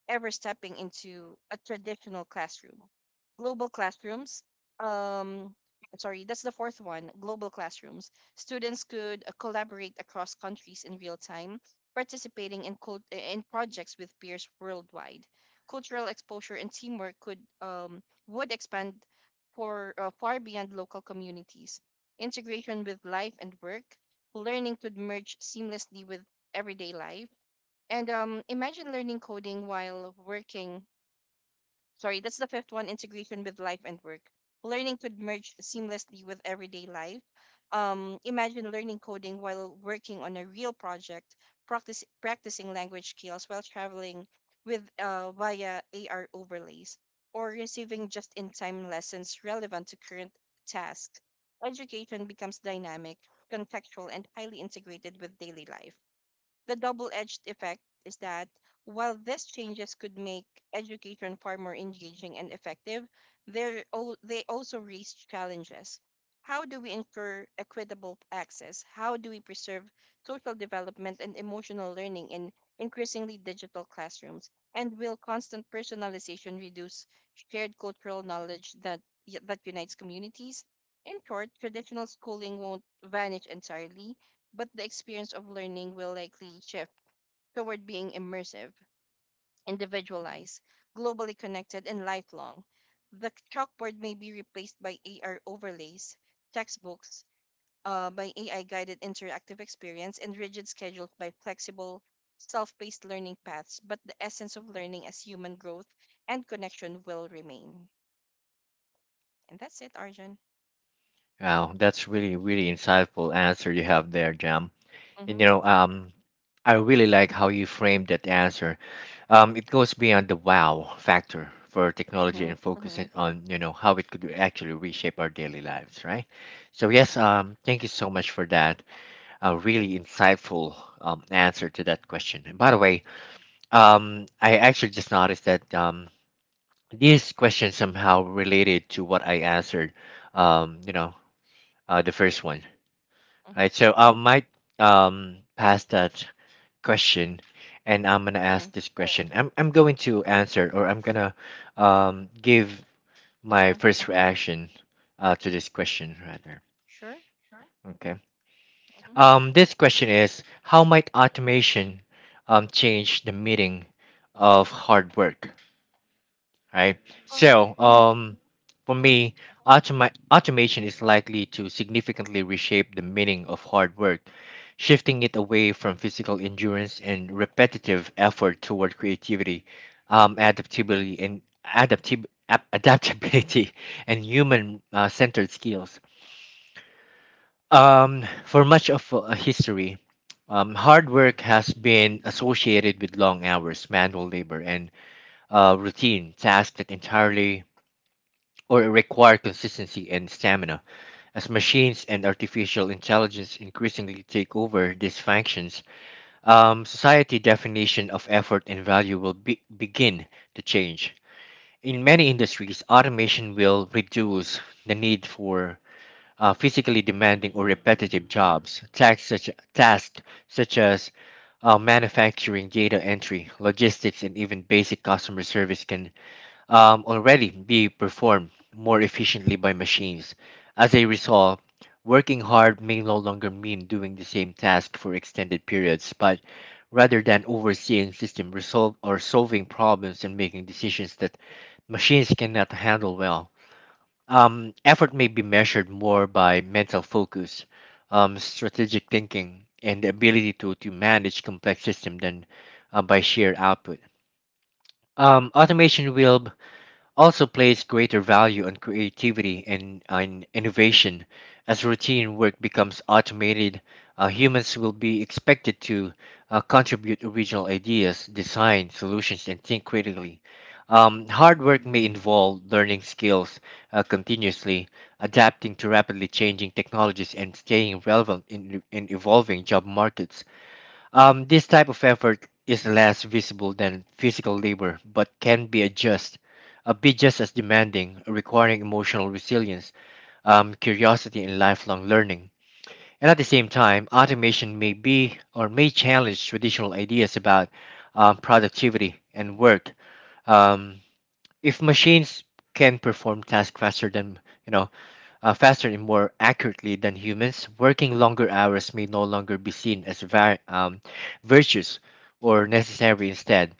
Speaker 2: ever stepping into a traditional classroom. Global classrooms, um, sorry, that's the fourth one, global classrooms. Students could collaborate across countries in real time, participating in projects with peers worldwide. Cultural exposure and teamwork could would expand for far beyond local communities. Integration with life and work, learning could merge seamlessly with everyday life and imagine learning coding while working. Sorry, that's the fifth one, integration with life and work. Learning could merge seamlessly with everyday life. Imagine learning coding while working on a real project, practicing language skills while traveling with via AR overlays, or receiving just in time lessons relevant to current tasks. Education becomes dynamic, contextual, and highly integrated with daily life. The double edged effect is that while these changes could make education far more engaging and effective, they also raise challenges. How do we ensure equitable access? How do we preserve social development and emotional learning in increasingly digital classrooms? And will constant personalization reduce shared cultural knowledge that unites communities? In short, traditional schooling won't vanish entirely, but the experience of learning will likely shift toward being immersive, individualized, globally connected, and lifelong. The chalkboard may be replaced by AR overlays, textbooks by AI guided interactive experience, and rigid schedules by flexible, self paced learning paths, but the essence of learning as human growth and connection will remain. And that's it, Arjun.
Speaker 1: Wow, that's really, really insightful answer you have there, Jam. And
Speaker 2: Mm-hmm.
Speaker 1: I really like how you framed that answer. It goes beyond the wow factor for technology
Speaker 2: Mm-hmm.
Speaker 1: and
Speaker 2: Mm-hmm.
Speaker 1: focuses on, how it could actually reshape our daily lives, right? So yes, thank you so much for that. A really insightful answer to that question. And by the way, I actually just noticed that this question somehow related to what I answered, um, you know, the first one.
Speaker 2: Mm-hmm.
Speaker 1: Right. So I might pass that question, and I'm gonna ask
Speaker 2: Mm.
Speaker 1: this question. I'm going to answer, or I'm gonna give my
Speaker 2: Uh-huh.
Speaker 1: first reaction to this question rather.
Speaker 2: Sure.
Speaker 1: Okay.
Speaker 2: Mm-hmm.
Speaker 1: This question is how might automation change the meaning of hard work? Right?
Speaker 2: Oh.
Speaker 1: So, for
Speaker 2: Mm-hmm.
Speaker 1: me, automation is likely to significantly reshape the meaning of hard work, shifting it away from physical endurance and repetitive effort toward creativity, adaptability, and adaptability and human-centered skills. For much of history, hard work has been associated with long hours, manual labor, and routine tasks that entirely or require consistency and stamina. As machines and artificial intelligence increasingly take over these functions, society definition of effort and value will begin to change. In many industries, automation will reduce the need for physically demanding or repetitive jobs. Tasks such as manufacturing, data entry, logistics, and even basic customer service can already be performed more efficiently by machines. As a result, working hard may no longer mean doing the same task for extended periods, but rather than overseeing system resolve or solving problems and making decisions that machines cannot handle well. Effort may be measured more by mental focus, strategic thinking, and the ability to manage complex systems than by sheer output. Automation will also place greater value on creativity and on innovation. As routine work becomes automated, humans will be expected to contribute original ideas, design solutions, and think critically. Hard work may involve learning skills continuously, adapting to rapidly changing technologies, and staying relevant in evolving job markets. This type of effort is less visible than physical labor, but can be just as demanding, requiring emotional resilience, curiosity, and lifelong learning. And at the same time, automation may be or may challenge traditional ideas about productivity and work. Um, if machines can perform tasks faster than you know faster and more accurately than humans, working longer hours may no longer be seen as virtuous or necessary instead.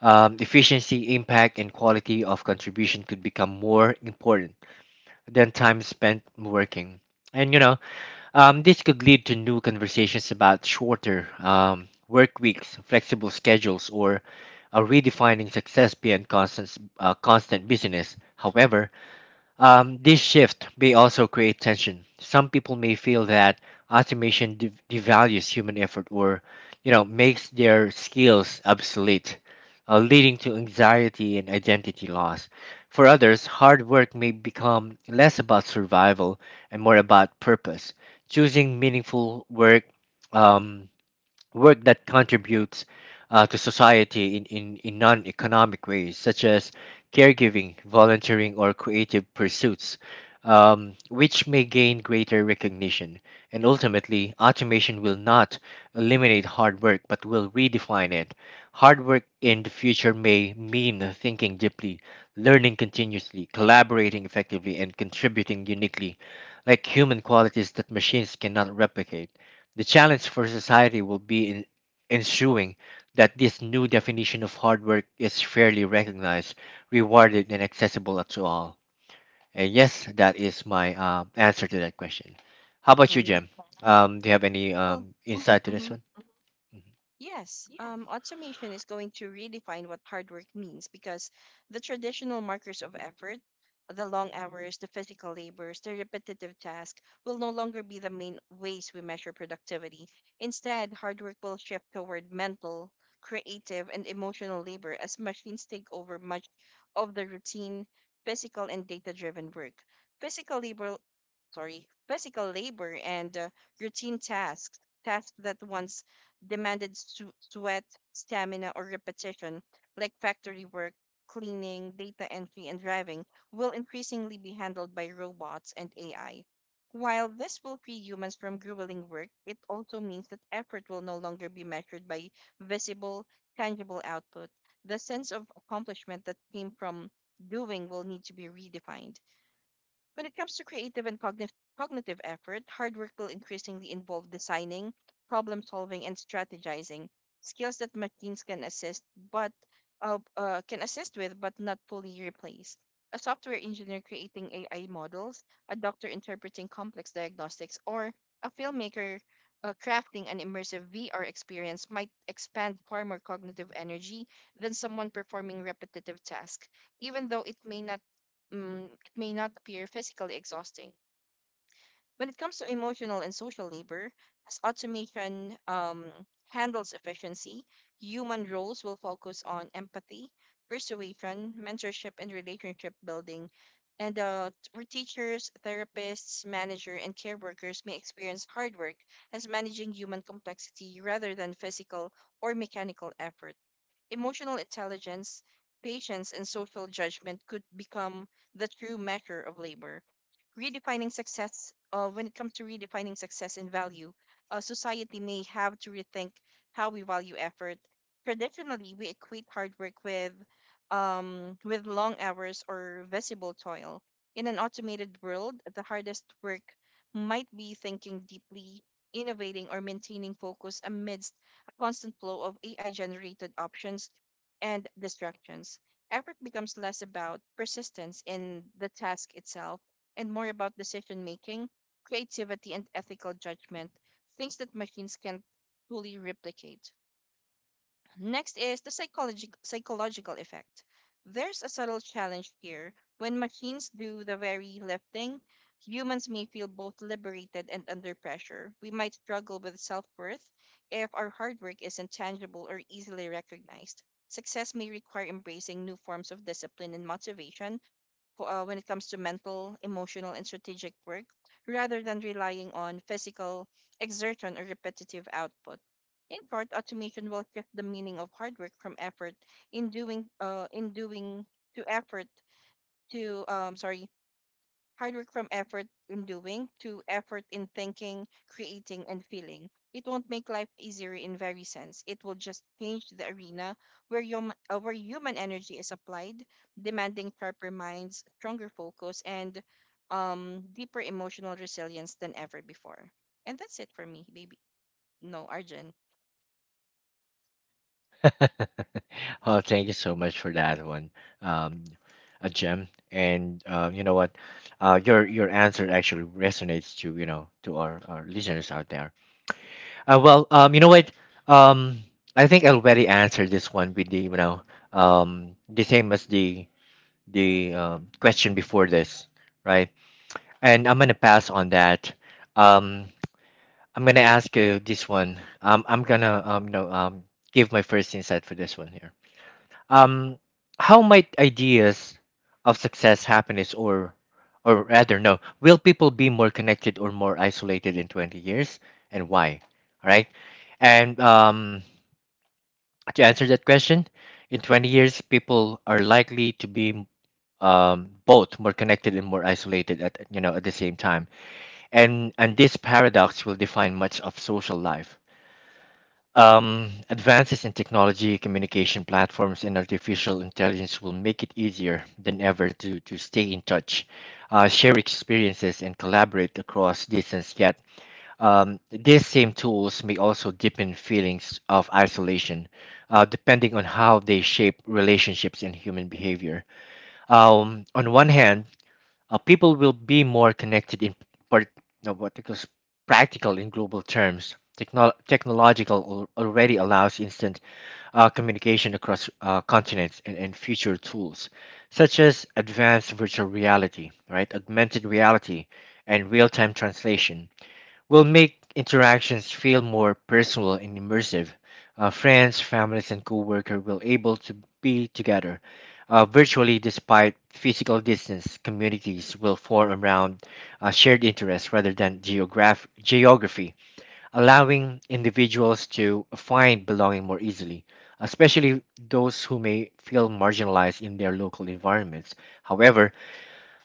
Speaker 1: Efficiency, impact, and quality of contribution could become more important than time spent working. And this could lead to new conversations about shorter work weeks, flexible schedules, or redefining success beyond constant business. However, this shift may also create tension. Some people may feel that automation devalues human effort or, makes their skills obsolete, leading to anxiety and identity loss. For others, hard work may become less about survival and more about purpose. Choosing meaningful work um, work that contributes to society in, in non economic ways, such as caregiving, volunteering, or creative pursuits, which may gain greater recognition. And ultimately, automation will not eliminate hard work but will redefine it. Hard work in the future may mean thinking deeply, learning continuously, collaborating effectively, and contributing uniquely, like human qualities that machines cannot replicate. The challenge for society will be in ensuring that this new definition of hard work is fairly recognized, rewarded, and accessible to all. And yes, that is my answer to that question. How about you,
Speaker 2: Mm-hmm.
Speaker 1: Jem? Do you have any
Speaker 2: Well,
Speaker 1: insight to this
Speaker 2: hmm
Speaker 1: one?
Speaker 2: yes, automation is going to redefine what hard work means because the traditional markers of effort, the long hours, the physical labors, the repetitive tasks will no longer be the main ways we measure productivity. Instead, hard work will shift toward mental, creative, and emotional labor as machines take over much of the routine, physical, and data driven work. Physical labor, physical labor and routine tasks that once demanded sweat, stamina, or repetition, like factory work, cleaning, data entry, and driving, will increasingly be handled by robots and AI. While this will free humans from grueling work, it also means that effort will no longer be measured by visible, tangible output. The sense of accomplishment that came from doing will need to be redefined. When it comes to creative and cognitive effort, hard work will increasingly involve designing, problem solving, and strategizing, skills that machines can but assist with but not fully replace. A software engineer creating AI models, a doctor interpreting complex diagnostics, or a filmmaker crafting an immersive VR experience might expand far more cognitive energy than someone performing repetitive tasks, even though it mm, may not appear physically exhausting. When it comes to emotional and social labor, as automation handles efficiency, human roles will focus on empathy, persuasion, mentorship, and relationship building. And for teachers, therapists, manager, and care workers may experience hard work as managing human complexity rather than physical or mechanical effort. Emotional intelligence, patience, and social judgment could become the true measure of labor. Redefining success, when it comes to redefining success and value, society may have to rethink how we value effort. Traditionally, we equate hard work with long hours or visible toil. In an automated world, the hardest work might be thinking deeply, innovating, or maintaining focus amidst a constant flow of AI generated options and distractions. Effort becomes less about persistence in the task itself and more about decision making, creativity, and ethical judgment, things that machines can't fully replicate. Next is the psychological effect. There's a subtle challenge here. When machines do the very lifting, humans may feel both liberated and under pressure. We might struggle with self worth if our hard work isn't tangible or easily recognized. Success may require embracing new forms of discipline and motivation, when it comes to mental, emotional, and strategic work rather than relying on physical exertion or repetitive output. In part, automation will shift the meaning of hard work from effort in doing to effort to sorry hard work from effort in doing to effort in thinking, creating, and feeling. It won't make life easier in very sense. It will just change the arena where human energy is applied, demanding sharper minds, stronger focus, and deeper emotional resilience than ever before. And that's it for me, baby. No, Arjun.
Speaker 1: Oh, thank you so much for that one, um, a gem. And you know what, your answer actually resonates to to our listeners out there. Well, you know what? Um, I think I already answered this one with the the same as the question before this, right? And I'm gonna pass on that. Um, I'm gonna ask you this one. I'm gonna give my first insight for this one here. Um, how might ideas of success, happiness, or rather, no, will people be more connected or more isolated in 20 years, and why? All right, and to answer that question, in 20 years, people are likely to be both more connected and more isolated at at the same time, and this paradox will define much of social life. Advances in technology, communication platforms, and artificial intelligence will make it easier than ever to stay in touch, share experiences, and collaborate across distance. Yet, these same tools may also deepen feelings of isolation, depending on how they shape relationships and human behavior. On one hand, people will be more connected in part, no, what it calls practical in global terms. Technological already allows instant communication across continents and future tools such as advanced virtual reality, right, augmented reality, and real-time translation will make interactions feel more personal and immersive. Friends, families, and coworkers will able to be together virtually despite physical distance. Communities will form around shared interests rather than geography, allowing individuals to find belonging more easily, especially those who may feel marginalized in their local environments. However,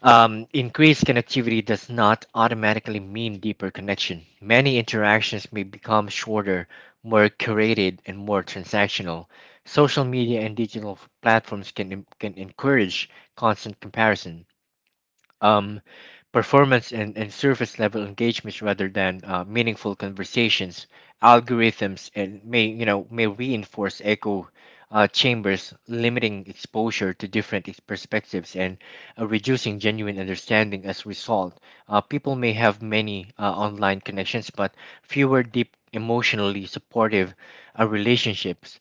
Speaker 1: increased connectivity does not automatically mean deeper connection. Many interactions may become shorter, more curated, and more transactional. Social media and platforms can encourage constant comparison. Um, Performance and surface level engagements rather than meaningful conversations algorithms and may may reinforce echo chambers limiting exposure to different perspectives and reducing genuine understanding as a result people may have many online connections but fewer deep emotionally supportive relationships.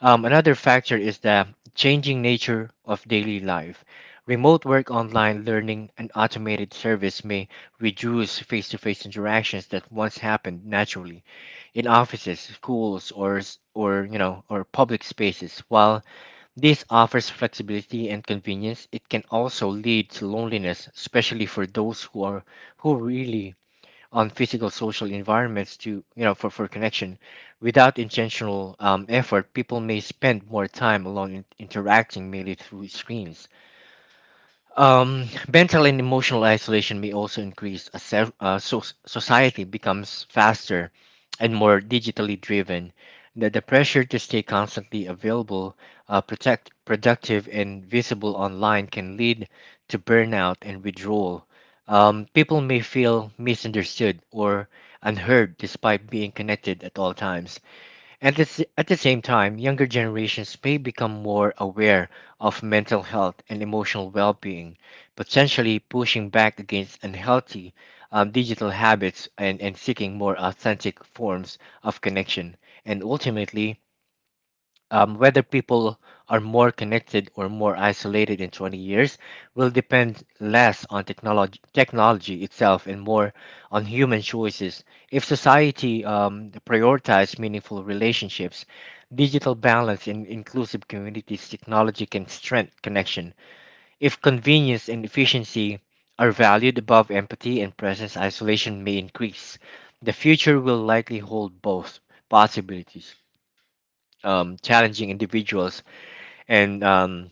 Speaker 1: Another factor is the changing nature of daily life. Remote work, online learning, and automated service may reduce face to face interactions that once happened naturally in offices, schools, or, or public spaces. While this offers flexibility and convenience, it can also lead to loneliness, especially for those who who really on physical social environments to for connection without intentional effort people may spend more time alone in, interacting merely through screens. um, Mental and emotional isolation may also increase as society becomes faster and more digitally driven. The pressure to stay constantly available, productive, and visible online can lead to burnout and withdrawal. People may feel misunderstood or unheard despite being connected at all times. And at the same time, younger generations may become more aware of mental health and emotional well being, potentially pushing back against unhealthy digital habits and seeking more authentic forms of connection. And ultimately, whether people are more connected or more isolated in 20 years will depend less on technology itself and more on human choices. If society prioritizes meaningful relationships, digital balance, and inclusive communities, technology can strengthen connection. If convenience and efficiency are valued above empathy and presence, isolation may increase. The future will likely hold both possibilities, challenging individuals and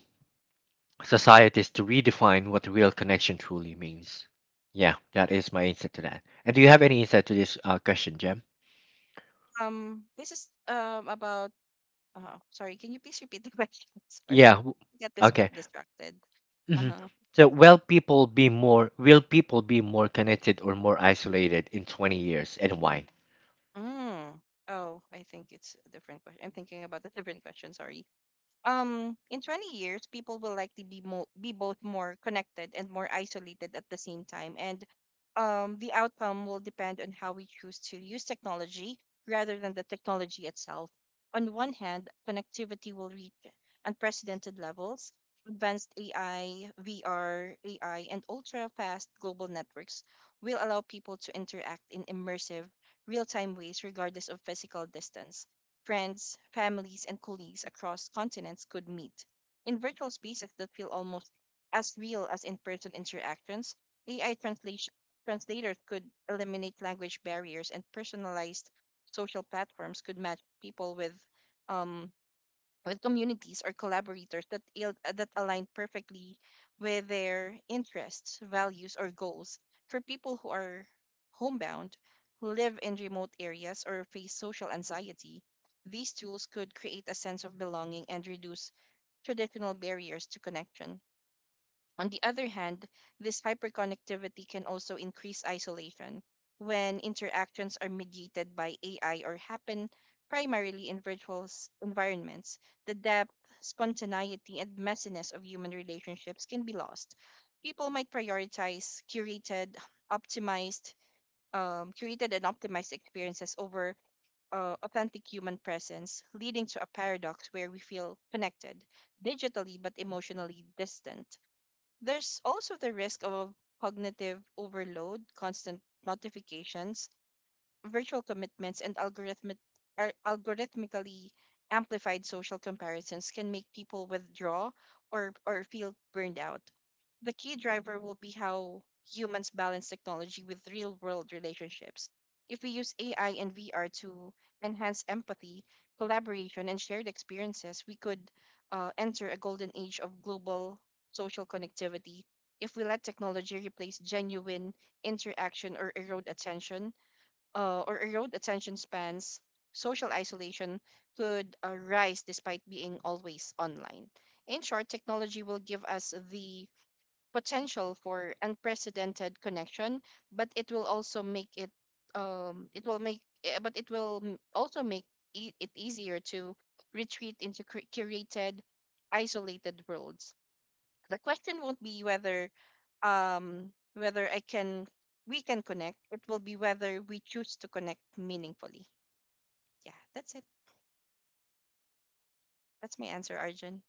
Speaker 1: societies to redefine what real connection truly means. Yeah, that is my insight to that. And do you have any insight to this question, Jem?
Speaker 2: This is about. Sorry, can you please repeat the question?
Speaker 1: Yeah.
Speaker 2: Sorry, I got
Speaker 1: Okay.
Speaker 2: distracted. Uh
Speaker 1: hmm
Speaker 2: huh.
Speaker 1: So, will people be more connected or more isolated in 20 years, and why?
Speaker 2: Mm. Oh, I think it's a different question. I'm thinking about a different question. Sorry. In 20 years, people will likely be both more connected and more isolated at the same time, and the outcome will depend on how we choose to use technology rather than the technology itself. On one hand, connectivity will reach unprecedented levels. Advanced AI, VR, AI, and ultra fast global networks will allow people to interact in immersive real-time ways regardless of physical distance. Friends, families, and colleagues across continents could meet. In virtual spaces that feel almost as real as in person interactions, AI translators could eliminate language barriers, and personalized social platforms could match people um, with communities or collaborators that align perfectly with their interests, values, or goals. For people who are homebound, who live in remote areas or face social anxiety, these tools could create a sense of belonging and reduce traditional barriers to connection. On the other hand, this hyperconnectivity can also increase isolation when interactions are mediated by AI or happen primarily in virtual environments. The depth, spontaneity, and messiness of human relationships can be lost. People might prioritize optimized, curated and optimized experiences over authentic human presence, leading to a paradox where we feel connected digitally but emotionally distant. There's also the risk of cognitive overload; constant notifications, virtual commitments and algorithmically amplified social comparisons can make people withdraw or feel burned out. The key driver will be how humans balance technology with real world relationships. If we use AI and VR to enhance empathy, collaboration, and shared experiences, we could enter a golden age of global social connectivity. If we let technology replace genuine interaction or erode attention spans, social isolation could rise despite being always online. In short, technology will give us the potential for unprecedented connection, but it will also make it but it will m- also make e- it easier to retreat into curated isolated worlds. The question won't be whether whether I can we can connect. It will be whether we choose to connect meaningfully. Yeah, that's it. That's my answer, Arjun.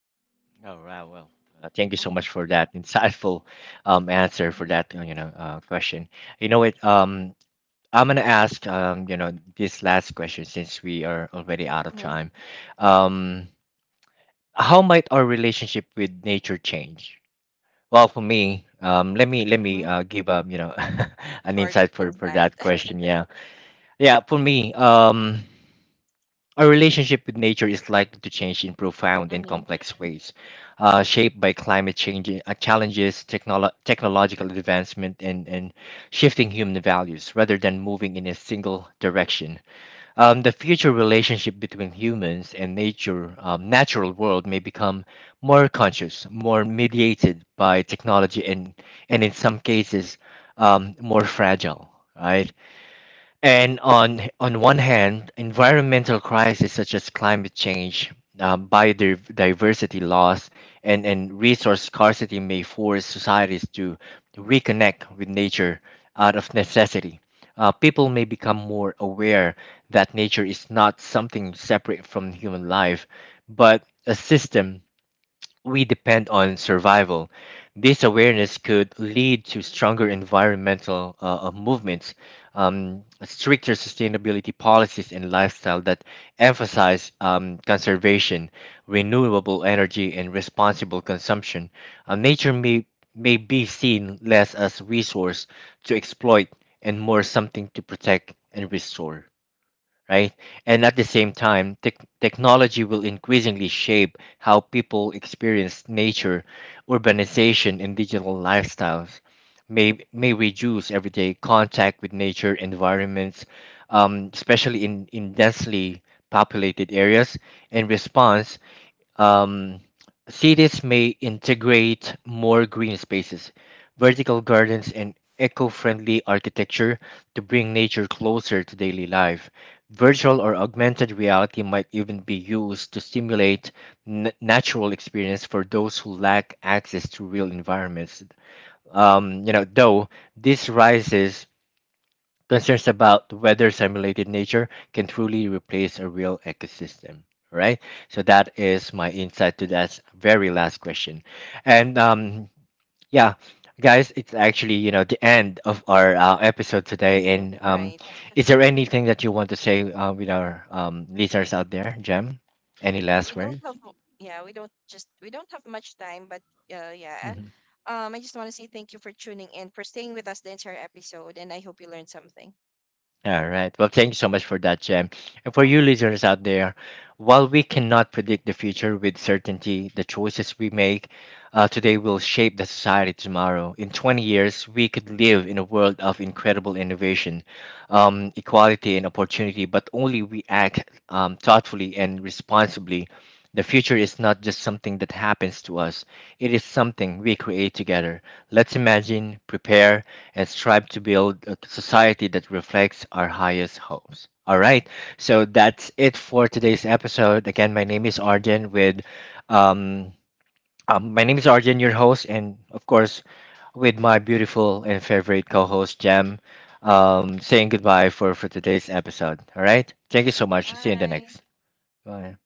Speaker 1: All right. Well, thank you so
Speaker 2: Mm-hmm,
Speaker 1: much for that insightful answer for
Speaker 2: mm-hmm,
Speaker 1: that question. You know what? I'm gonna ask this last question since we are already out of
Speaker 2: mm-hmm,
Speaker 1: time. Um, how might our relationship with nature change? Well, for me, let me
Speaker 2: mm-hmm.
Speaker 1: give an
Speaker 2: Short
Speaker 1: insight for
Speaker 2: insight.
Speaker 1: that question. Yeah, yeah. For me, our relationship with nature is likely to change in profound and
Speaker 2: Mm-hmm,
Speaker 1: complex ways, shaped by climate change challenges, technological advancement, and shifting human values, rather than moving in a single direction. The future relationship between humans and nature, natural world may become more conscious, more mediated by technology, and in some cases, more fragile. Right? And on one hand, environmental crises such as climate change, biodiversity loss, and resource scarcity may force societies to reconnect with nature out of necessity. People may become more aware that nature is not something separate from human life, but a system we depend on survival. This awareness could lead to stronger environmental movements, stricter sustainability policies, and lifestyle that emphasize conservation, renewable energy, and responsible consumption. Nature may be seen less as resource to exploit and more something to protect and restore, right? And at the same time, technology will increasingly shape how people experience nature, urbanization, and digital lifestyles. May reduce everyday contact with nature environments, especially in densely populated areas. In response, um, cities may integrate more green spaces, vertical gardens, and eco friendly architecture to bring nature closer to daily life. Virtual or augmented reality might even be used to stimulate natural experience for those who lack access to real environments. You know, though this rises concerns about whether simulated nature can truly replace a real ecosystem, right? So that is my insight to that very last question. And yeah, guys, it's actually, you know, the end of our episode today.
Speaker 2: mm-hmm.
Speaker 1: And
Speaker 2: Right.
Speaker 1: is there anything that you want to say with our listeners out there, Jem? Any last
Speaker 2: We don't
Speaker 1: words?
Speaker 2: have. Yeah, we don't have much time, but yeah.
Speaker 1: Mhm.
Speaker 2: I just want to say thank you for tuning in, for staying with us the entire episode, and I hope you learned something.
Speaker 1: All right. Well, thank you so much for
Speaker 2: Hmm.
Speaker 1: that, Jem. And for you
Speaker 2: Welcome.
Speaker 1: listeners out there, while we cannot predict the future with certainty, the choices we make today will shape the society tomorrow. In 20 years, we could live in a world of incredible innovation, equality, and opportunity, but only we act thoughtfully and responsibly. The future is not just something that happens to us, it is something we create together. Let's imagine, prepare, and strive to build a society that reflects our highest hopes. All right, so that's it for today's episode. Again, my name is Arjun with um, my name is Arjun, your host, and of course with my beautiful and favorite co-host Jam. Saying goodbye for today's episode. All right, thank you so much. See you in the
Speaker 2: Bye.
Speaker 1: next. Bye.